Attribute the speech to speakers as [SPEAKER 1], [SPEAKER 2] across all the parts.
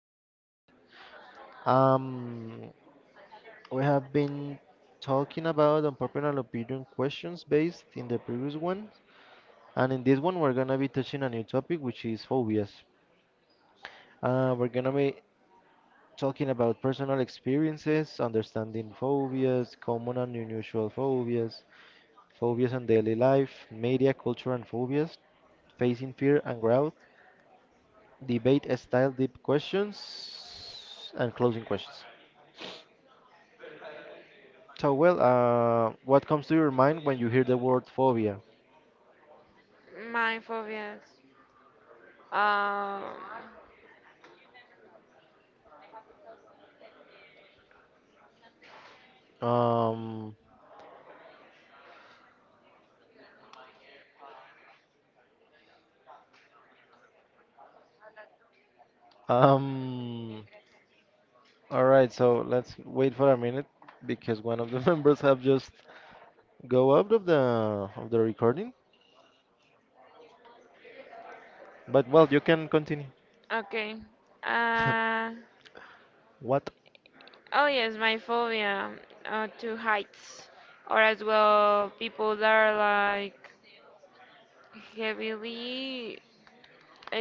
[SPEAKER 1] podcast. Um, we have been talking about unpopular opinion questions based in the previous one, and in this one, we're gonna be touching a new topic, which is phobias. We're gonna be talking about personal experiences, understanding phobias, common and unusual phobias, phobias in daily life, media, culture, and phobias, facing fear and growth debate style deep questions and closing questions. So, well, what comes to your mind when you hear the word phobia? Um, um, all right, so let's wait for a minute because one of the members have just go out of the recording. But well, you can continue.
[SPEAKER 2] Okay. Uh,
[SPEAKER 1] What
[SPEAKER 2] oh yes, my phobia to heights, or as well people that are like heavily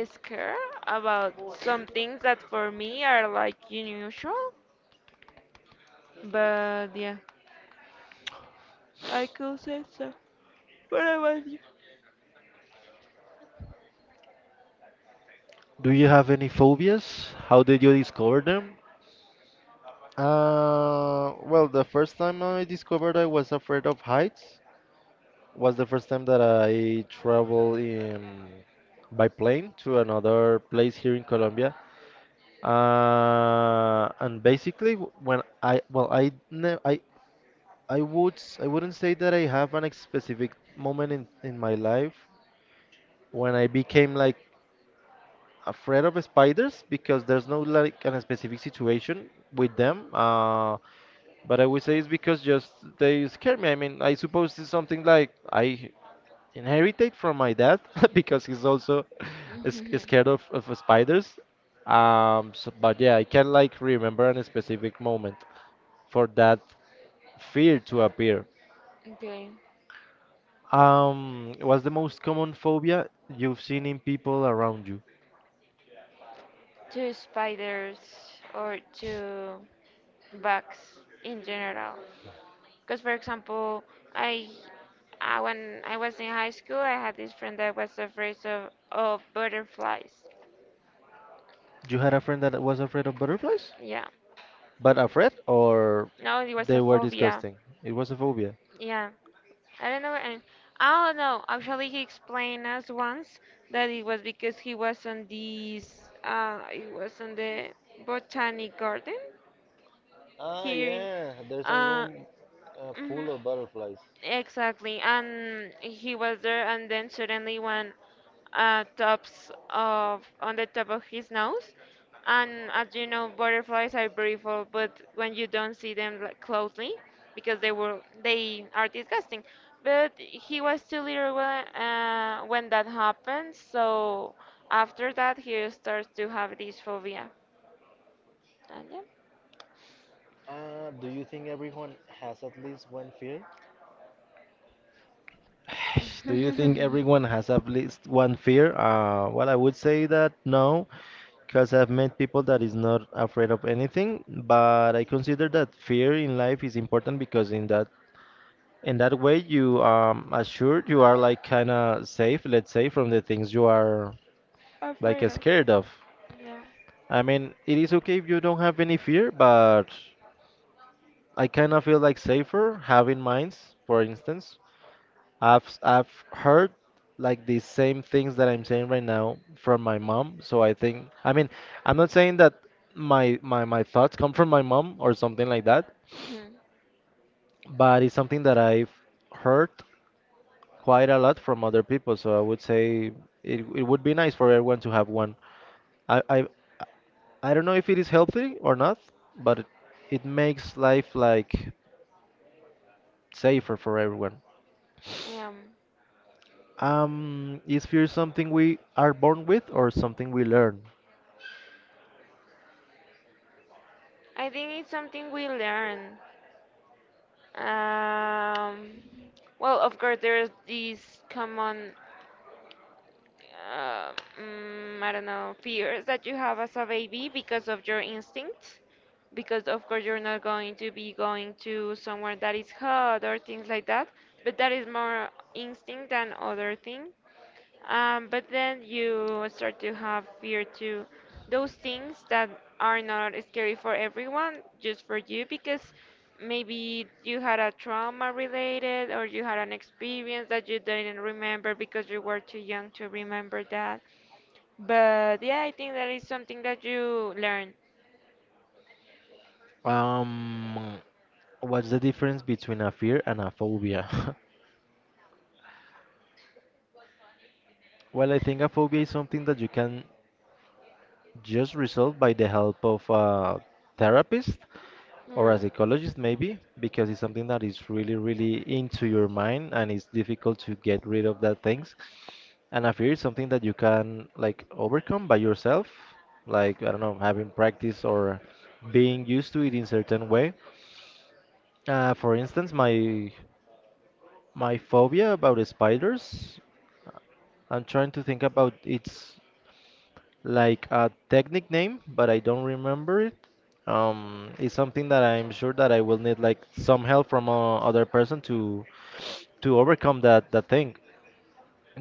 [SPEAKER 2] scared about some things that for me are like unusual. But yeah, I could say so. But I was you.
[SPEAKER 1] do you have any phobias? How did you discover them? Well, the first time I discovered I was afraid of heights. Was the first time that I traveled in, by plane to another place here in Colombia. And basically, when I well, I I wouldn't say that I have an specific moment in my life when I became like afraid of spiders because there's no like an specific situation with them. But I would say it's because just they scare me. I mean, I suppose it's something like I inherited from my dad because he's also is scared of spiders. But yeah, I can like remember a specific moment for that fear to appear.
[SPEAKER 2] Okay.
[SPEAKER 1] What's the most common phobia you've seen in people around you?
[SPEAKER 2] To spiders or to bugs in general. Because, for example, I, I when I was in high school, I had this friend that was afraid of butterflies.
[SPEAKER 1] You had a friend that was afraid of butterflies?
[SPEAKER 2] Yeah.
[SPEAKER 1] But afraid or
[SPEAKER 2] No, it was a
[SPEAKER 1] they were
[SPEAKER 2] phobia.
[SPEAKER 1] disgusting? It was a phobia.
[SPEAKER 2] Yeah. I don't know. And I don't know. Actually, he explained us once that it was because he was on this, it was on the botanic garden
[SPEAKER 1] Ah,
[SPEAKER 2] here in,
[SPEAKER 1] yeah, there's a
[SPEAKER 2] uh,
[SPEAKER 1] room
[SPEAKER 2] mhm.
[SPEAKER 1] full of butterflies.
[SPEAKER 2] Exactly, and he was there, and then suddenly one tops of on the top of his nose, and as you know, butterflies are beautiful, but when you don't see them like, closely, because they are disgusting. But he was too little when that happened, so after that he starts to have this phobia. And
[SPEAKER 1] Do you think everyone has at least one fear? Do you
[SPEAKER 2] yeah,
[SPEAKER 1] think everyone has at least one fear? Well, I would say that no, because I've met people that is not afraid of anything. But I consider that fear in life is important because in that way you assured you are like kind of safe, let's say, from the things you are
[SPEAKER 2] afraid
[SPEAKER 1] like
[SPEAKER 2] of
[SPEAKER 1] scared of.
[SPEAKER 2] yeah.
[SPEAKER 1] I mean, it is okay if you don't have any fear, but I kind of feel like safer having mines, for instance. I've heard like the same things that I'm saying right now from my mom, so I think I mean, I'm not saying that my thoughts come from my mom or something like that,
[SPEAKER 2] Hmm.
[SPEAKER 1] but it's something that I've heard quite a lot from other people, so I would say it would be nice for everyone to have one. I I I don't know if it is healthy or not, but it makes life like safer for everyone.
[SPEAKER 2] Yeah.
[SPEAKER 1] Is fear something we are born with or something we learn?
[SPEAKER 2] I think it's something we learn. Um, well, of course, there's these common, uh, I don't know, fears that you have as a baby because of your instinct. Because, of course, you're not going to be going to somewhere that is hot or things like that. But that is more instinct than other thing. But then you start to have fear to those things that are not scary for everyone, just for you, because maybe you had a trauma related or you had an experience that you didn't remember because you were too young to remember that. But yeah, I think that is something that you learn.
[SPEAKER 1] Um, what's the difference between a fear and a phobia? Well, I think a phobia is something that you can just resolve by the help of a therapist or a
[SPEAKER 2] Hmm.
[SPEAKER 1] psychologist, maybe, because it's something that is really, really into your mind and it's difficult to get rid of that things. And a fear is something that you can like overcome by yourself, like I don't know, having practice or being used to it in certain way. For instance, my phobia about spiders. I'm trying to think about it's like a technique name, but I don't remember it. It's something that I'm sure that I will need like some help from other person to overcome that thing.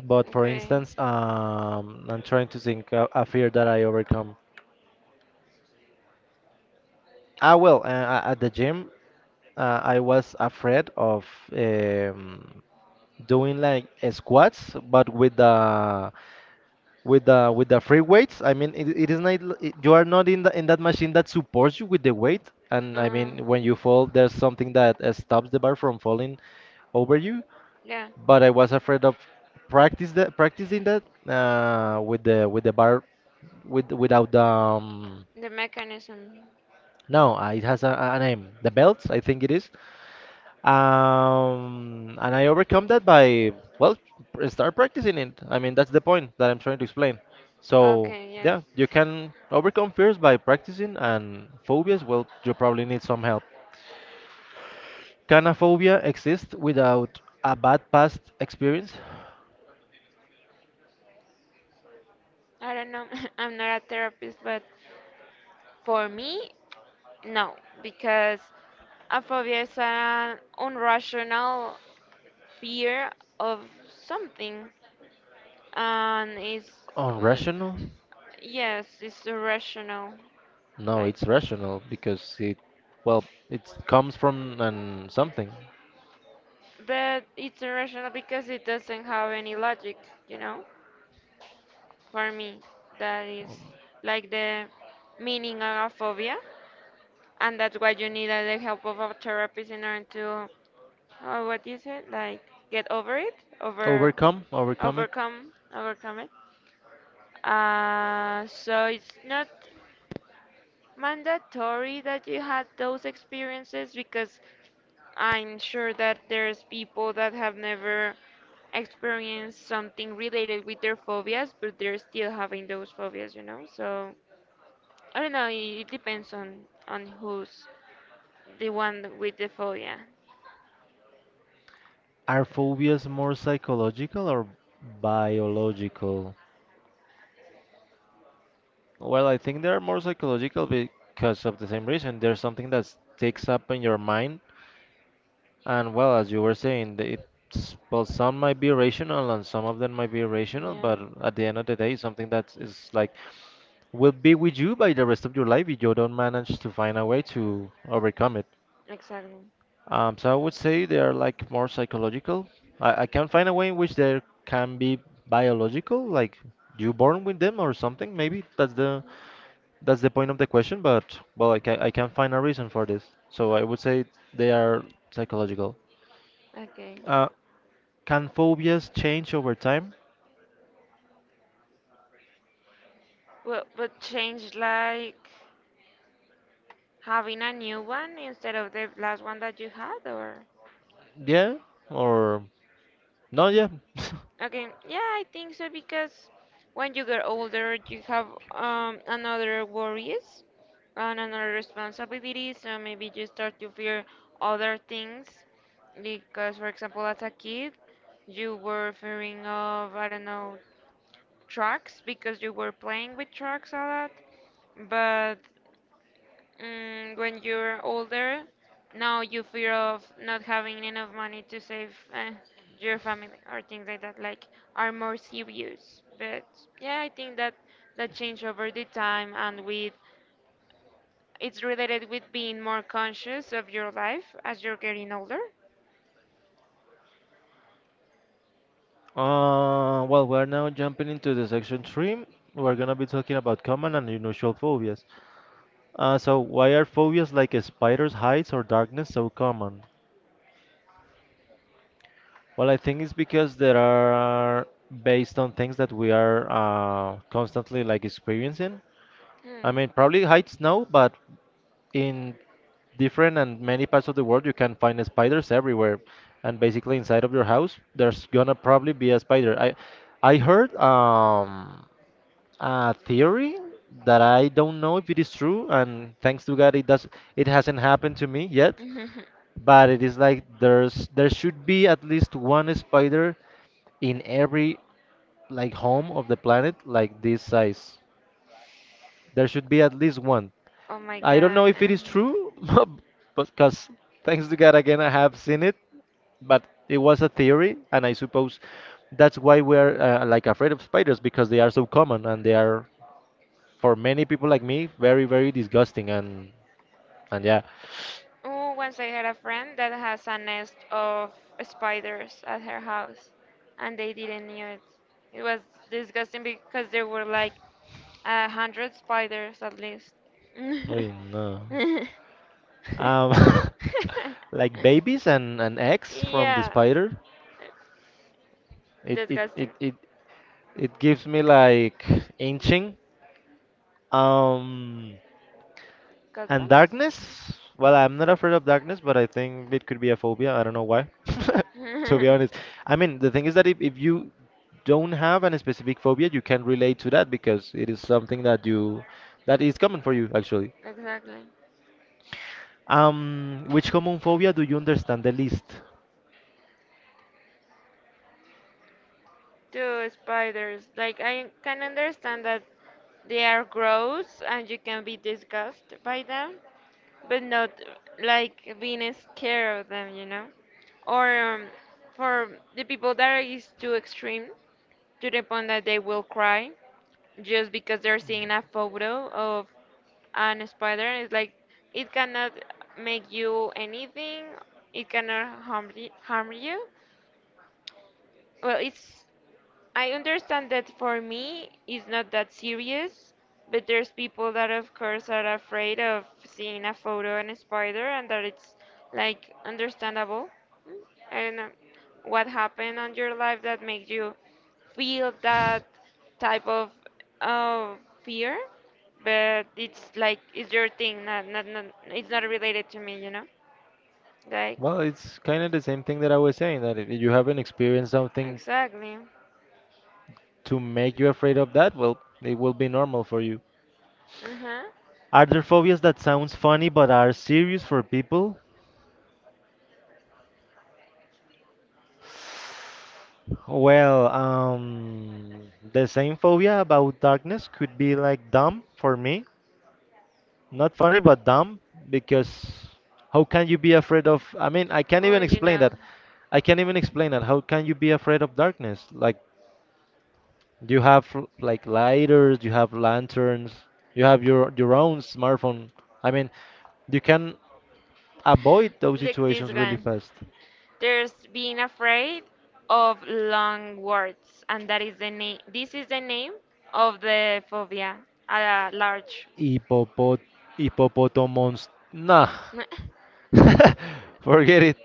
[SPEAKER 1] But for
[SPEAKER 2] Okay.
[SPEAKER 1] instance, I'm trying to think a fear that I overcome. Ah, well, at the gym, I was afraid of um, doing like squats, but with the with the free weights. I mean, it is not it, you are not in the in that machine that supports you with the weight. And I
[SPEAKER 2] Uh,
[SPEAKER 1] mean, when you fall, there's something that stops the bar from falling over you.
[SPEAKER 2] yeah,
[SPEAKER 1] But I was afraid of practice that practicing that with the bar without the
[SPEAKER 2] the mechanism.
[SPEAKER 1] no it has a name the belts I think it is and I overcome that by well start practicing it. I mean, that's the point that I'm trying to explain so
[SPEAKER 2] Okay, yes.
[SPEAKER 1] yeah, you can overcome fears by practicing and phobias well you probably need some help. Can a phobia exist without a bad past experience?
[SPEAKER 2] I don't know. I'm not a therapist, but for me, no, because a phobia is an irrational fear of something, and it's uh,
[SPEAKER 1] Unrational.
[SPEAKER 2] yes, it's irrational.
[SPEAKER 1] No,
[SPEAKER 2] Like,
[SPEAKER 1] it's rational because it, well, it comes from an something.
[SPEAKER 2] but it's irrational because it doesn't have any logic, you know. For me, that is
[SPEAKER 1] Um,
[SPEAKER 2] like the meaning of a phobia, and that's why you need the help of a therapist in order to, what is it, like, get over it, over
[SPEAKER 1] Overcome, overcome it.
[SPEAKER 2] overcome overcome it. So it's not mandatory that you had those experiences because I'm sure that there's people that have never experienced something related with their phobias, but they're still having those phobias, you know? So I don't know, it depends on who's the one with the phobia.
[SPEAKER 1] Are phobias more psychological or biological? Well, I think they're more psychological because of the same reason. There's something that sticks up in your mind, and well, as you were saying, it's well, some might be rational and some of them might be irrational,
[SPEAKER 2] Yeah,
[SPEAKER 1] but at the end of the day, something that is like. Will be with you by the rest of your life if you don't manage to find a way to overcome it.
[SPEAKER 2] exactly.
[SPEAKER 1] So I would say they are like more psychological. I can find a way in which there can be biological, like you born with them or something. Maybe that's the point of the question. But well, I can find a reason for this. So I would say they are psychological.
[SPEAKER 2] Okay.
[SPEAKER 1] Uh, can phobias change over time?
[SPEAKER 2] Well, but change like. Having a new one instead of the last one that you had, or?
[SPEAKER 1] Yeah, or no? Yeah.
[SPEAKER 2] Okay, yeah, I think so because when you get older, you have another worries and another responsibilities, so maybe you start to fear other things. Because, for example, as a kid, you were fearing of, I don't know, trucks because you were playing with trucks a lot. But mm, when you're older, now you fear of not having enough money to save your family or things like that, like are more serious. But yeah, I think that that change over the time and with it's related with being more conscious of your life as you're getting older.
[SPEAKER 1] Well, we're now jumping into the section three. We're gonna be talking about common and unusual phobias. So why are phobias like spiders, heights, or darkness so common? Well, I think it's because they are based on things that we are constantly like experiencing. I
[SPEAKER 2] Hmm.
[SPEAKER 1] mean, probably heights no, but in different and many parts of the world, you can find spiders everywhere, and basically inside of your house, there's gonna probably be a spider. I heard a theory that I don't know if it is true, and thanks to God it hasn't happened to me yet. But it is like there should be at least one spider in every like home of the planet like this size. There should be at least one.
[SPEAKER 2] Oh my
[SPEAKER 1] I don't know
[SPEAKER 2] god.
[SPEAKER 1] if
[SPEAKER 2] Eh.
[SPEAKER 1] it is true, but because thanks to God again I have seen it, but it was a theory, and I suppose that's why we're like afraid of spiders because they are so common and they are for many people like me, very, very disgusting. And yeah,
[SPEAKER 2] Oh, once I had a friend that has a nest of spiders at her house, and they didn't knew it. It was disgusting because there were like a hundred spiders at least.
[SPEAKER 1] oy, no. Um, like babies and eggs from the
[SPEAKER 2] Yeah,
[SPEAKER 1] spider. It it it
[SPEAKER 2] disgusting.
[SPEAKER 1] it, it gives me like inching. Um, And
[SPEAKER 2] Goosebumps?
[SPEAKER 1] darkness? Well, I'm not afraid of darkness, but I think it could be a phobia. I don't know why. To be honest, I mean, the thing is that if you don't have any specific phobia, you can relate to that because it is something that you that is common for you actually.
[SPEAKER 2] Exactly.
[SPEAKER 1] Which common phobia do you understand the least?
[SPEAKER 2] To spiders. Like I can understand that they are gross and you can be disgusted by them, but not like being scared of them, you know? Or for the people that is too extreme to the point that they will cry just because they're seeing a photo of an spider. It's like it cannot make you anything. It cannot harm you. Well, it's I understand that for me it's not that serious, but there's people that of course are afraid of seeing a photo and a spider and that it's like understandable. Mm, I don't know what happened on your life that makes you feel that type of fear, but it's like it's your thing, not it's not related to me, you know? Like
[SPEAKER 1] Well, it's kind of the same thing that I was saying that if you haven't experienced something
[SPEAKER 2] exactly.
[SPEAKER 1] to make you afraid of that, well, it will be normal for you.
[SPEAKER 2] Uh-huh.
[SPEAKER 1] Are there phobias that sounds funny but are serious for people? Well, the same phobia about darkness could be like dumb for me. Not funny, but dumb because how can you be afraid of? I mean, I can't
[SPEAKER 2] Oh,
[SPEAKER 1] even
[SPEAKER 2] you
[SPEAKER 1] explain
[SPEAKER 2] know.
[SPEAKER 1] that. I can't even explain that. How can you be afraid of darkness? Like you have like lighters, you have lanterns, you have your own smartphone. I mean, you can avoid those
[SPEAKER 2] Look, this
[SPEAKER 1] situations really
[SPEAKER 2] one.
[SPEAKER 1] fast.
[SPEAKER 2] There's being afraid of long words, and that is the name. This is the name of the phobia, a large.
[SPEAKER 1] Hippopot hippopotomons. Nah. Forget it.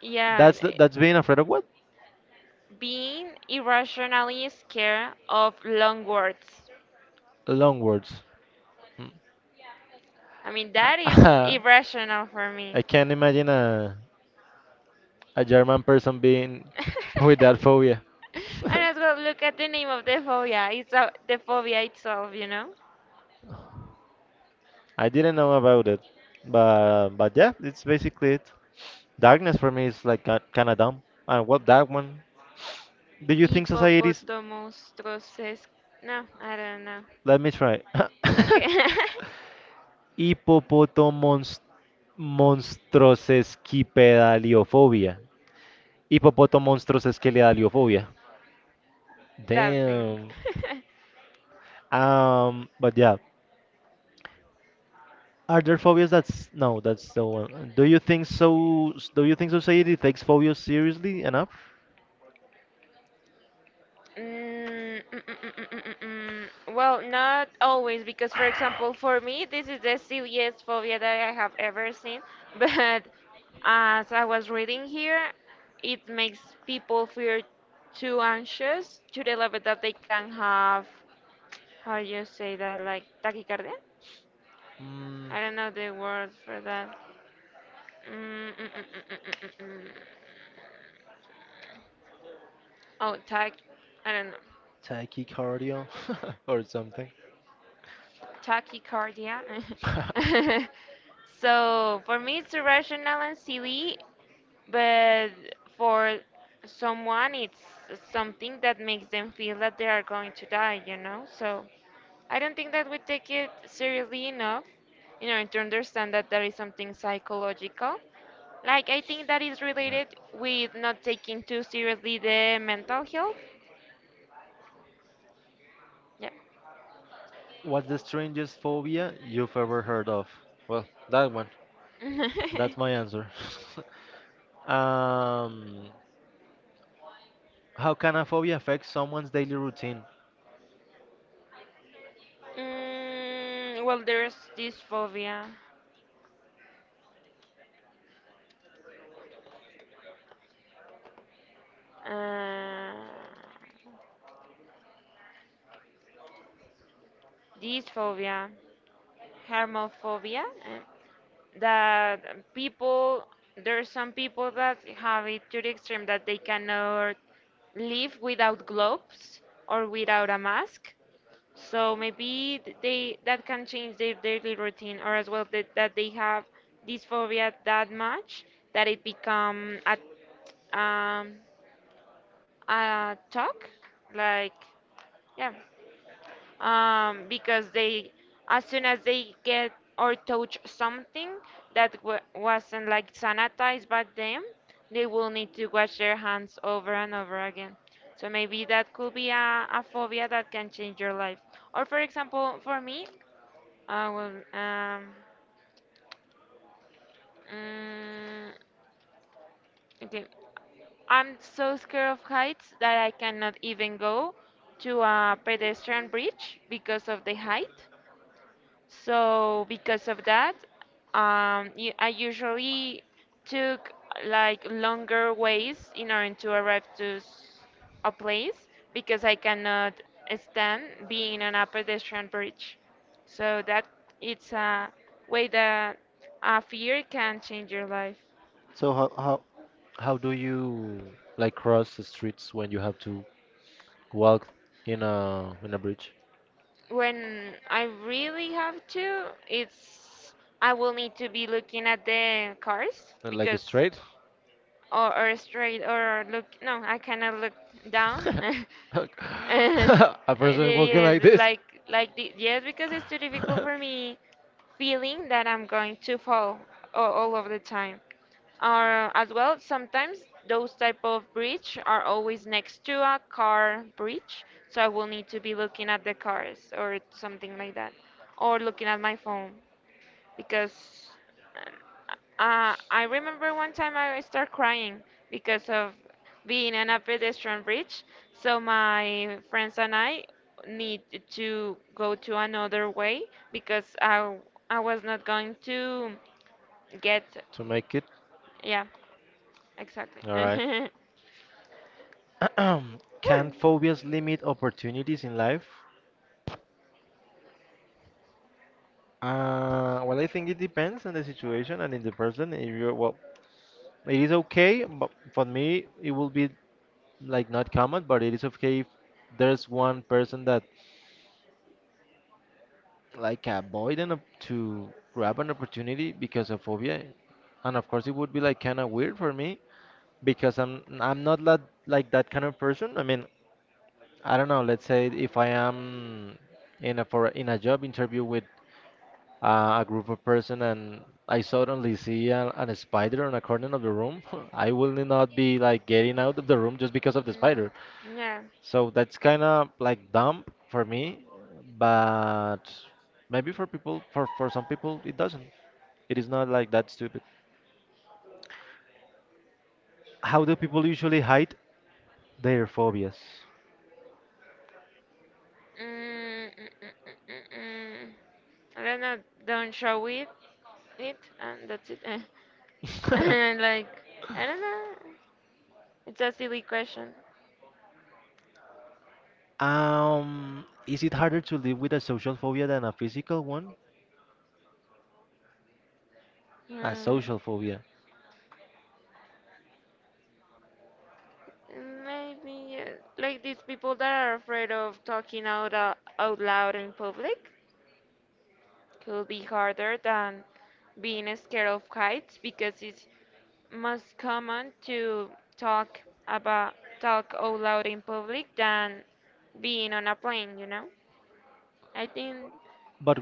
[SPEAKER 2] Yeah,
[SPEAKER 1] That's being afraid of what?
[SPEAKER 2] being irrationally scared of long words.
[SPEAKER 1] Long words. Mm.
[SPEAKER 2] I mean, that is irrational for me.
[SPEAKER 1] I can't imagine a German person being
[SPEAKER 2] And
[SPEAKER 1] with that phobia.
[SPEAKER 2] as well, look at the name of the phobia. It's a, the phobia itself, you know.
[SPEAKER 1] I didn't know about it, but yeah, it's basically it. Darkness for me is like kind of dumb. And what that one? Do you think societies?
[SPEAKER 2] Hippopotamonstroses. No, I don't know.
[SPEAKER 1] Let me try.
[SPEAKER 2] Okay.
[SPEAKER 1] Hippopotamonstrosauria. Monstrosesquipedaliofobia. Hippopotomonstrosesquipedaliofobia.
[SPEAKER 2] That thing.
[SPEAKER 1] Damn. But yeah. Are there phobias that's no, that's the one. Do you think so? Do you think society takes phobias seriously enough?
[SPEAKER 2] Mm. Well, not always, because for example, for me, this is the silliest phobia that I have ever seen. But as I was reading here, it makes people feel too anxious to the level that they can have, how you say that, like tachycardia?
[SPEAKER 1] Mm,
[SPEAKER 2] I don't know the word for that. Mm, mm, mm, mm, mm, mm, mm, mm. Oh, I don't know.
[SPEAKER 1] tachycardia or something.
[SPEAKER 2] Tachycardia. So for me, it's irrational and silly, but for someone, it's something that makes them feel that they are going to die, you know? So I don't think that we take it seriously enough in order to understand that there is something psychological. Like, I think that is related with not taking too seriously the mental health. Yeah.
[SPEAKER 1] What's the strangest phobia you've ever heard of? Well, that one. That's my answer. um, how can a phobia affect someone's daily routine?
[SPEAKER 2] Mm, well, there's this phobia. uh, dysphobia, hermophobia, that people, there are some people that have it to the extreme that they cannot live without gloves or without a mask. So maybe they that can change their daily routine, or as well that, that they have this phobia that much that it become um, a talk like yeah because they as soon as they get or touch something that wasn't like sanitized by them, they will need to wash their hands over and over again. So maybe that could be a phobia that can change your life. Or, for example, for me, I will um mm, okay, I'm so scared of heights that I cannot even go to a pedestrian bridge because of the height. So because of that, you, I usually took like longer ways in order to arrive to a place because I cannot stand being on a pedestrian bridge. So that it's a way that a fear can change your life.
[SPEAKER 1] So how do you like cross the streets when you have to walk in a bridge?
[SPEAKER 2] When I really have to, it's I will need to be looking at the cars
[SPEAKER 1] Like
[SPEAKER 2] because
[SPEAKER 1] straight?
[SPEAKER 2] or straight or look, no, I cannot look down. Uh,
[SPEAKER 1] A person walking
[SPEAKER 2] yes,
[SPEAKER 1] like
[SPEAKER 2] it's
[SPEAKER 1] this
[SPEAKER 2] like the, yes, because it's too difficult for me feeling that I'm going to fall, all of the time. Or as well sometimes those type of bridge are always next to a car bridge, so I will need to be looking at the cars or something like that, or looking at my phone. Because I remember one time I start crying because of being on a pedestrian bridge. So my friends and I need to go to another way because I was not going to get
[SPEAKER 1] to make it.
[SPEAKER 2] yeah exactly.
[SPEAKER 1] All right. Can
[SPEAKER 2] Whew.
[SPEAKER 1] phobias limit opportunities in life? Well, I think it depends on the situation and in the person. If you're well, it is okay, but for me, it will be like not common, but it is okay if there's one person that like avoiding to grab an opportunity because of phobia. And of course, it would be like kind of weird for me because I'm not that like that kind of person. I mean, I don't know. Let's say if I am in a job interview with a group of person and I suddenly see an spider on a corner of the room, I will not be like getting out of the room just because of the spider.
[SPEAKER 2] Mm, yeah.
[SPEAKER 1] So that's kind of like dumb for me, but maybe for people, for some people, it doesn't. It is not like that stupid. How do people usually hide their phobias?
[SPEAKER 2] Mm, mm, mm, mm, mm, mm. I don't know. Don't show it. It and that's it. And like, I don't know. It's a silly question.
[SPEAKER 1] Is it harder to live with a social phobia than a physical one? A
[SPEAKER 2] Hmm.
[SPEAKER 1] social phobia.
[SPEAKER 2] Maybe like these people that are afraid of talking out out loud in public could be harder than being scared of heights because it's most common to talk about talk out loud in public than being on a plane, you know? I think
[SPEAKER 1] But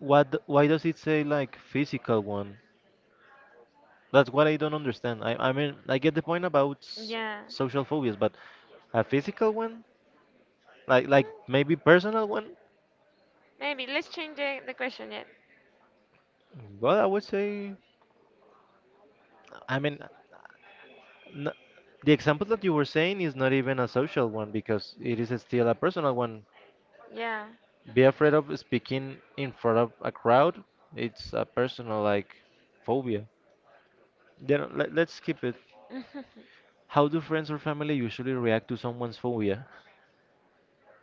[SPEAKER 1] why does it say like physical one? That's what I don't understand. I mean, I get the point about
[SPEAKER 2] yeah.
[SPEAKER 1] social phobias, but a physical one? Like maybe personal one?
[SPEAKER 2] Maybe let's change the question yet.
[SPEAKER 1] Well, I would say, I mean, n the example that you were saying is not even a social one because it is still a personal one.
[SPEAKER 2] Yeah.
[SPEAKER 1] Be afraid of speaking in front of a crowd. It's a personal, like, phobia. Then let's skip it. How do friends or family usually react to someone's phobia?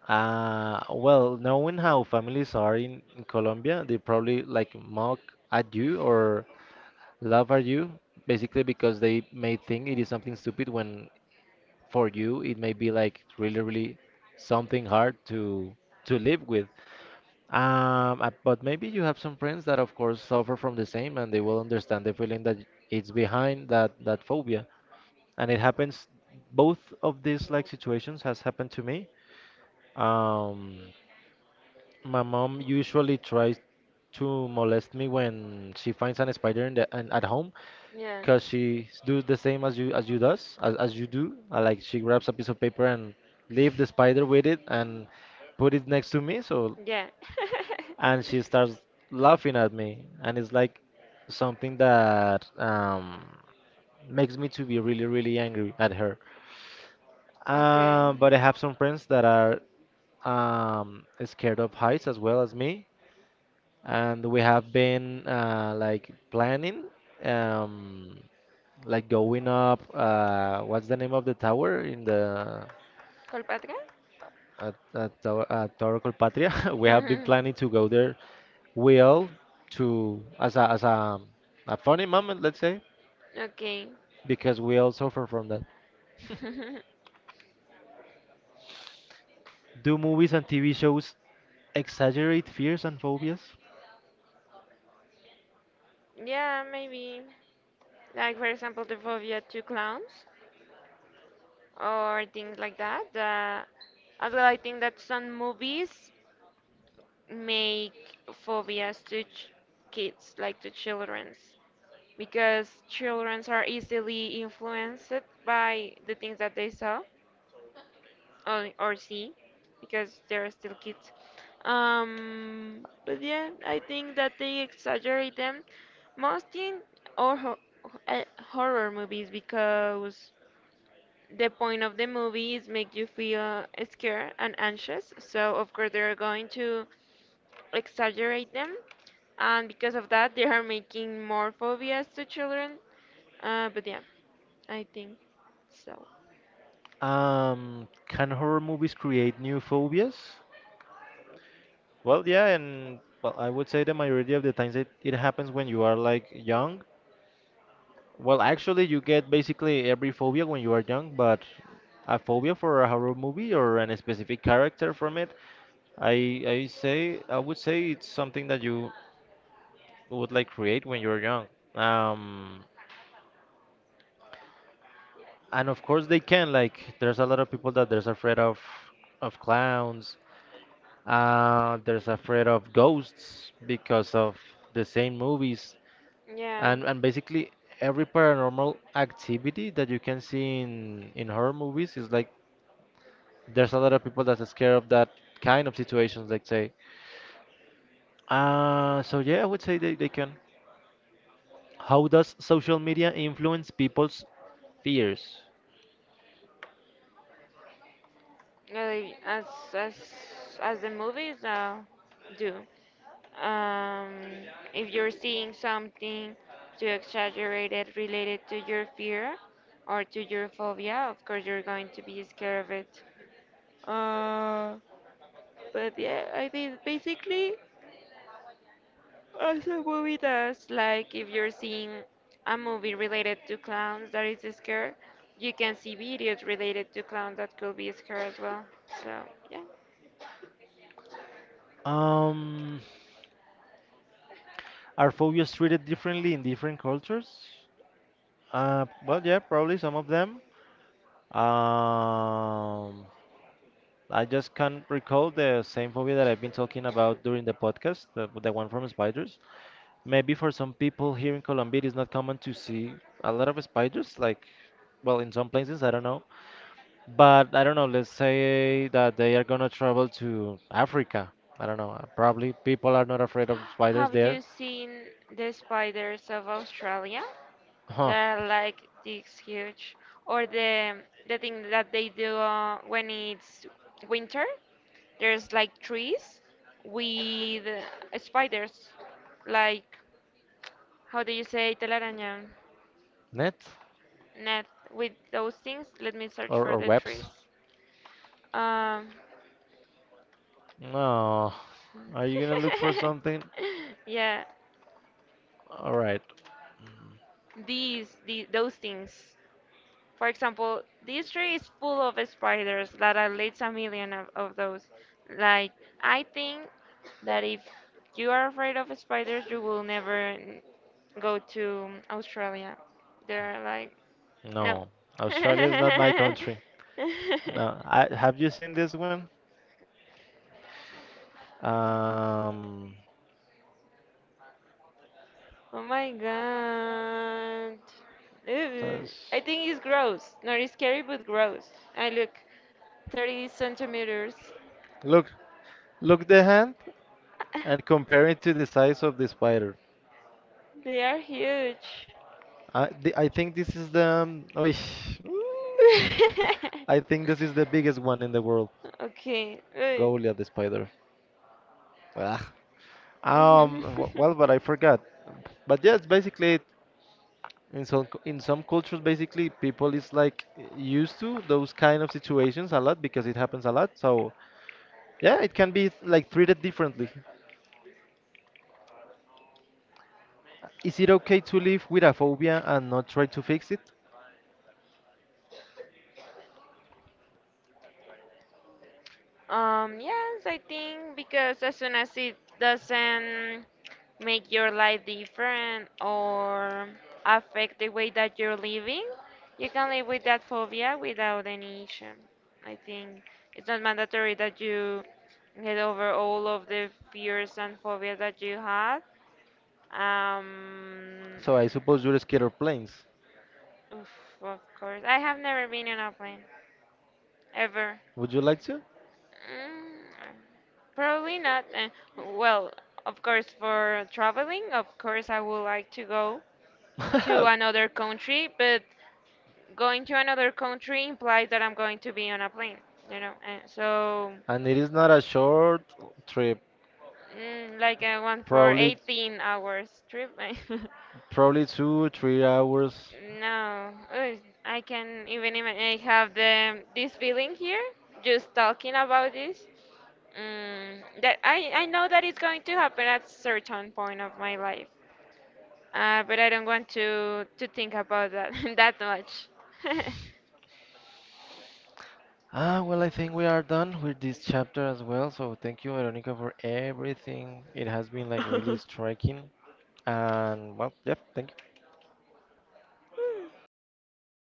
[SPEAKER 1] Well, knowing how families are in Colombia, they probably like mock at you or laugh at you, basically because they may think it is something stupid when for you it may be like really really something hard to live with. But maybe you have some friends that of course suffer from the same and they will understand the feeling that it's behind that phobia, and it happens. Both of these like situations has happened to me. um my mom usually tries to molest me when she finds an spider at home,
[SPEAKER 2] Yeah.
[SPEAKER 1] because do the same as you does as you do, like she grabs a piece of paper and leave the spider with it and put it next to me, so
[SPEAKER 2] Yeah.
[SPEAKER 1] and she starts laughing at me, and it's like something that makes me to be really really angry at her.
[SPEAKER 2] Okay.
[SPEAKER 1] But I have some friends that are scared of heights as well as me, and we have been like planning, um, like going up, what's the name of the tower in the
[SPEAKER 2] Colpatria?
[SPEAKER 1] at Torre Colpatria. We have been planning to go there, we all, to a funny moment, let's say,
[SPEAKER 2] Okay.
[SPEAKER 1] because we all suffer from that. Do movies and TV shows exaggerate fears and phobias?
[SPEAKER 2] Yeah, maybe. Like, for example, the phobia to clowns or things like that. As well, I think that some movies make phobias to ch kids, like to children's, because childrens are easily influenced by the things that they saw. Or C because they're still kids. But yeah, I think that they exaggerate them most in or ho uh, horror movies because the point of the movie is make you feel scared and anxious. So of course they're going to exaggerate them, and because of that they are making more phobias to children. But yeah, I think so.
[SPEAKER 1] Can horror movies create new phobias? Well, yeah, and well, I would say the majority of the times it happens when you are like young. Well, actually, you get basically every phobia when you are young, but a phobia for a horror movie or an specific character from it, I would say it's something that you would like create when you're young. Um, and of course they can, like, there's a lot of people that there's afraid of clowns. There's afraid of ghosts because of the same movies,
[SPEAKER 2] Yeah.
[SPEAKER 1] and basically every paranormal activity that you can see in horror movies is like there's a lot of people that's scared of that kind of situations, let's say. So yeah, I would say they can. How does social media influence people's fears?
[SPEAKER 2] uh, as as as the movies do. Um, if you're seeing something too exaggerated related to your fear or to your phobia, of course you're going to be scared of it. Uh, but yeah, I think basically as a movie does, like if you're seeing a movie related to clowns that is scared, you can see videos related to clowns that could be scared as well. So yeah.
[SPEAKER 1] Um, are phobias treated differently in different cultures? Well, yeah, probably some of them. Um, I just can't recall the same phobia that I've been talking about during the podcast, the one from spiders. Maybe for some people here in Colombia, it is not common to see a lot of spiders, like, well, in some places, I don't know. But I don't know, let's say that they are gonna travel to Africa. I don't know, probably people are not afraid of spiders
[SPEAKER 2] Have
[SPEAKER 1] there.
[SPEAKER 2] you seen the spiders of Australia?
[SPEAKER 1] Huh,
[SPEAKER 2] They're like this huge, or the thing that they do when it's winter. There's like trees with spiders, like how do you say telaraña
[SPEAKER 1] net
[SPEAKER 2] net with those things? Let me search for
[SPEAKER 1] or
[SPEAKER 2] the trees.
[SPEAKER 1] webs?
[SPEAKER 2] Um,
[SPEAKER 1] No. Are you gonna look for something?
[SPEAKER 2] yeah,
[SPEAKER 1] All right.
[SPEAKER 2] these, the those things. For example, this tree is full of spiders, that at least a million of those. Like, I think that if you are afraid of spiders, you will never n- go to Australia. They're like, no.
[SPEAKER 1] No, Australia is not my country. No, have you seen this one? Um,
[SPEAKER 2] Oh my god. Ew.
[SPEAKER 1] says-
[SPEAKER 2] I think it's gross. Not it's scary, but gross. I look 30 centimeters.
[SPEAKER 1] Look, look the hand, and compare it to the size of the spider.
[SPEAKER 2] They are huge.
[SPEAKER 1] I think this is the. Oish. I think this is the biggest one in the world.
[SPEAKER 2] Okay. Eh.
[SPEAKER 1] Goliath the spider. Ah. Well, but I forgot. But yeah, it's basically it. In some cultures, basically people is like used to those kind of situations a lot because it happens a lot. So yeah, it can be like treated differently. Is it okay to live with a phobia and not try to fix it?
[SPEAKER 2] Yes, I think because as soon as it doesn't make your life different or affect the way that you're living, you can live with that phobia without any issue. I think it's not mandatory that you get over all of the fears and phobias that you have. Um,
[SPEAKER 1] So I suppose you're scared of planes.
[SPEAKER 2] Oof, of course. I have never been on a plane. Ever.
[SPEAKER 1] Would you like to?
[SPEAKER 2] Mm, probably not. Well, of course, for traveling, of course, I would like to go to another country, but going to another country implies that I'm going to be on a plane, you know? And so,
[SPEAKER 1] And it is not a short trip,
[SPEAKER 2] mm, like I went for
[SPEAKER 1] probably
[SPEAKER 2] 18 hours trip.
[SPEAKER 1] probably 2 or 3 hours.
[SPEAKER 2] No, ugh, I can even I have the this feeling here just talking about this. Mm, that I know that it's going to happen at certain point of my life, but I don't want to think about that that much.
[SPEAKER 1] Ah, well, I think we are done with this chapter as well. So thank you, Veronica, for everything. It has been like really striking. And well, yep, thank you.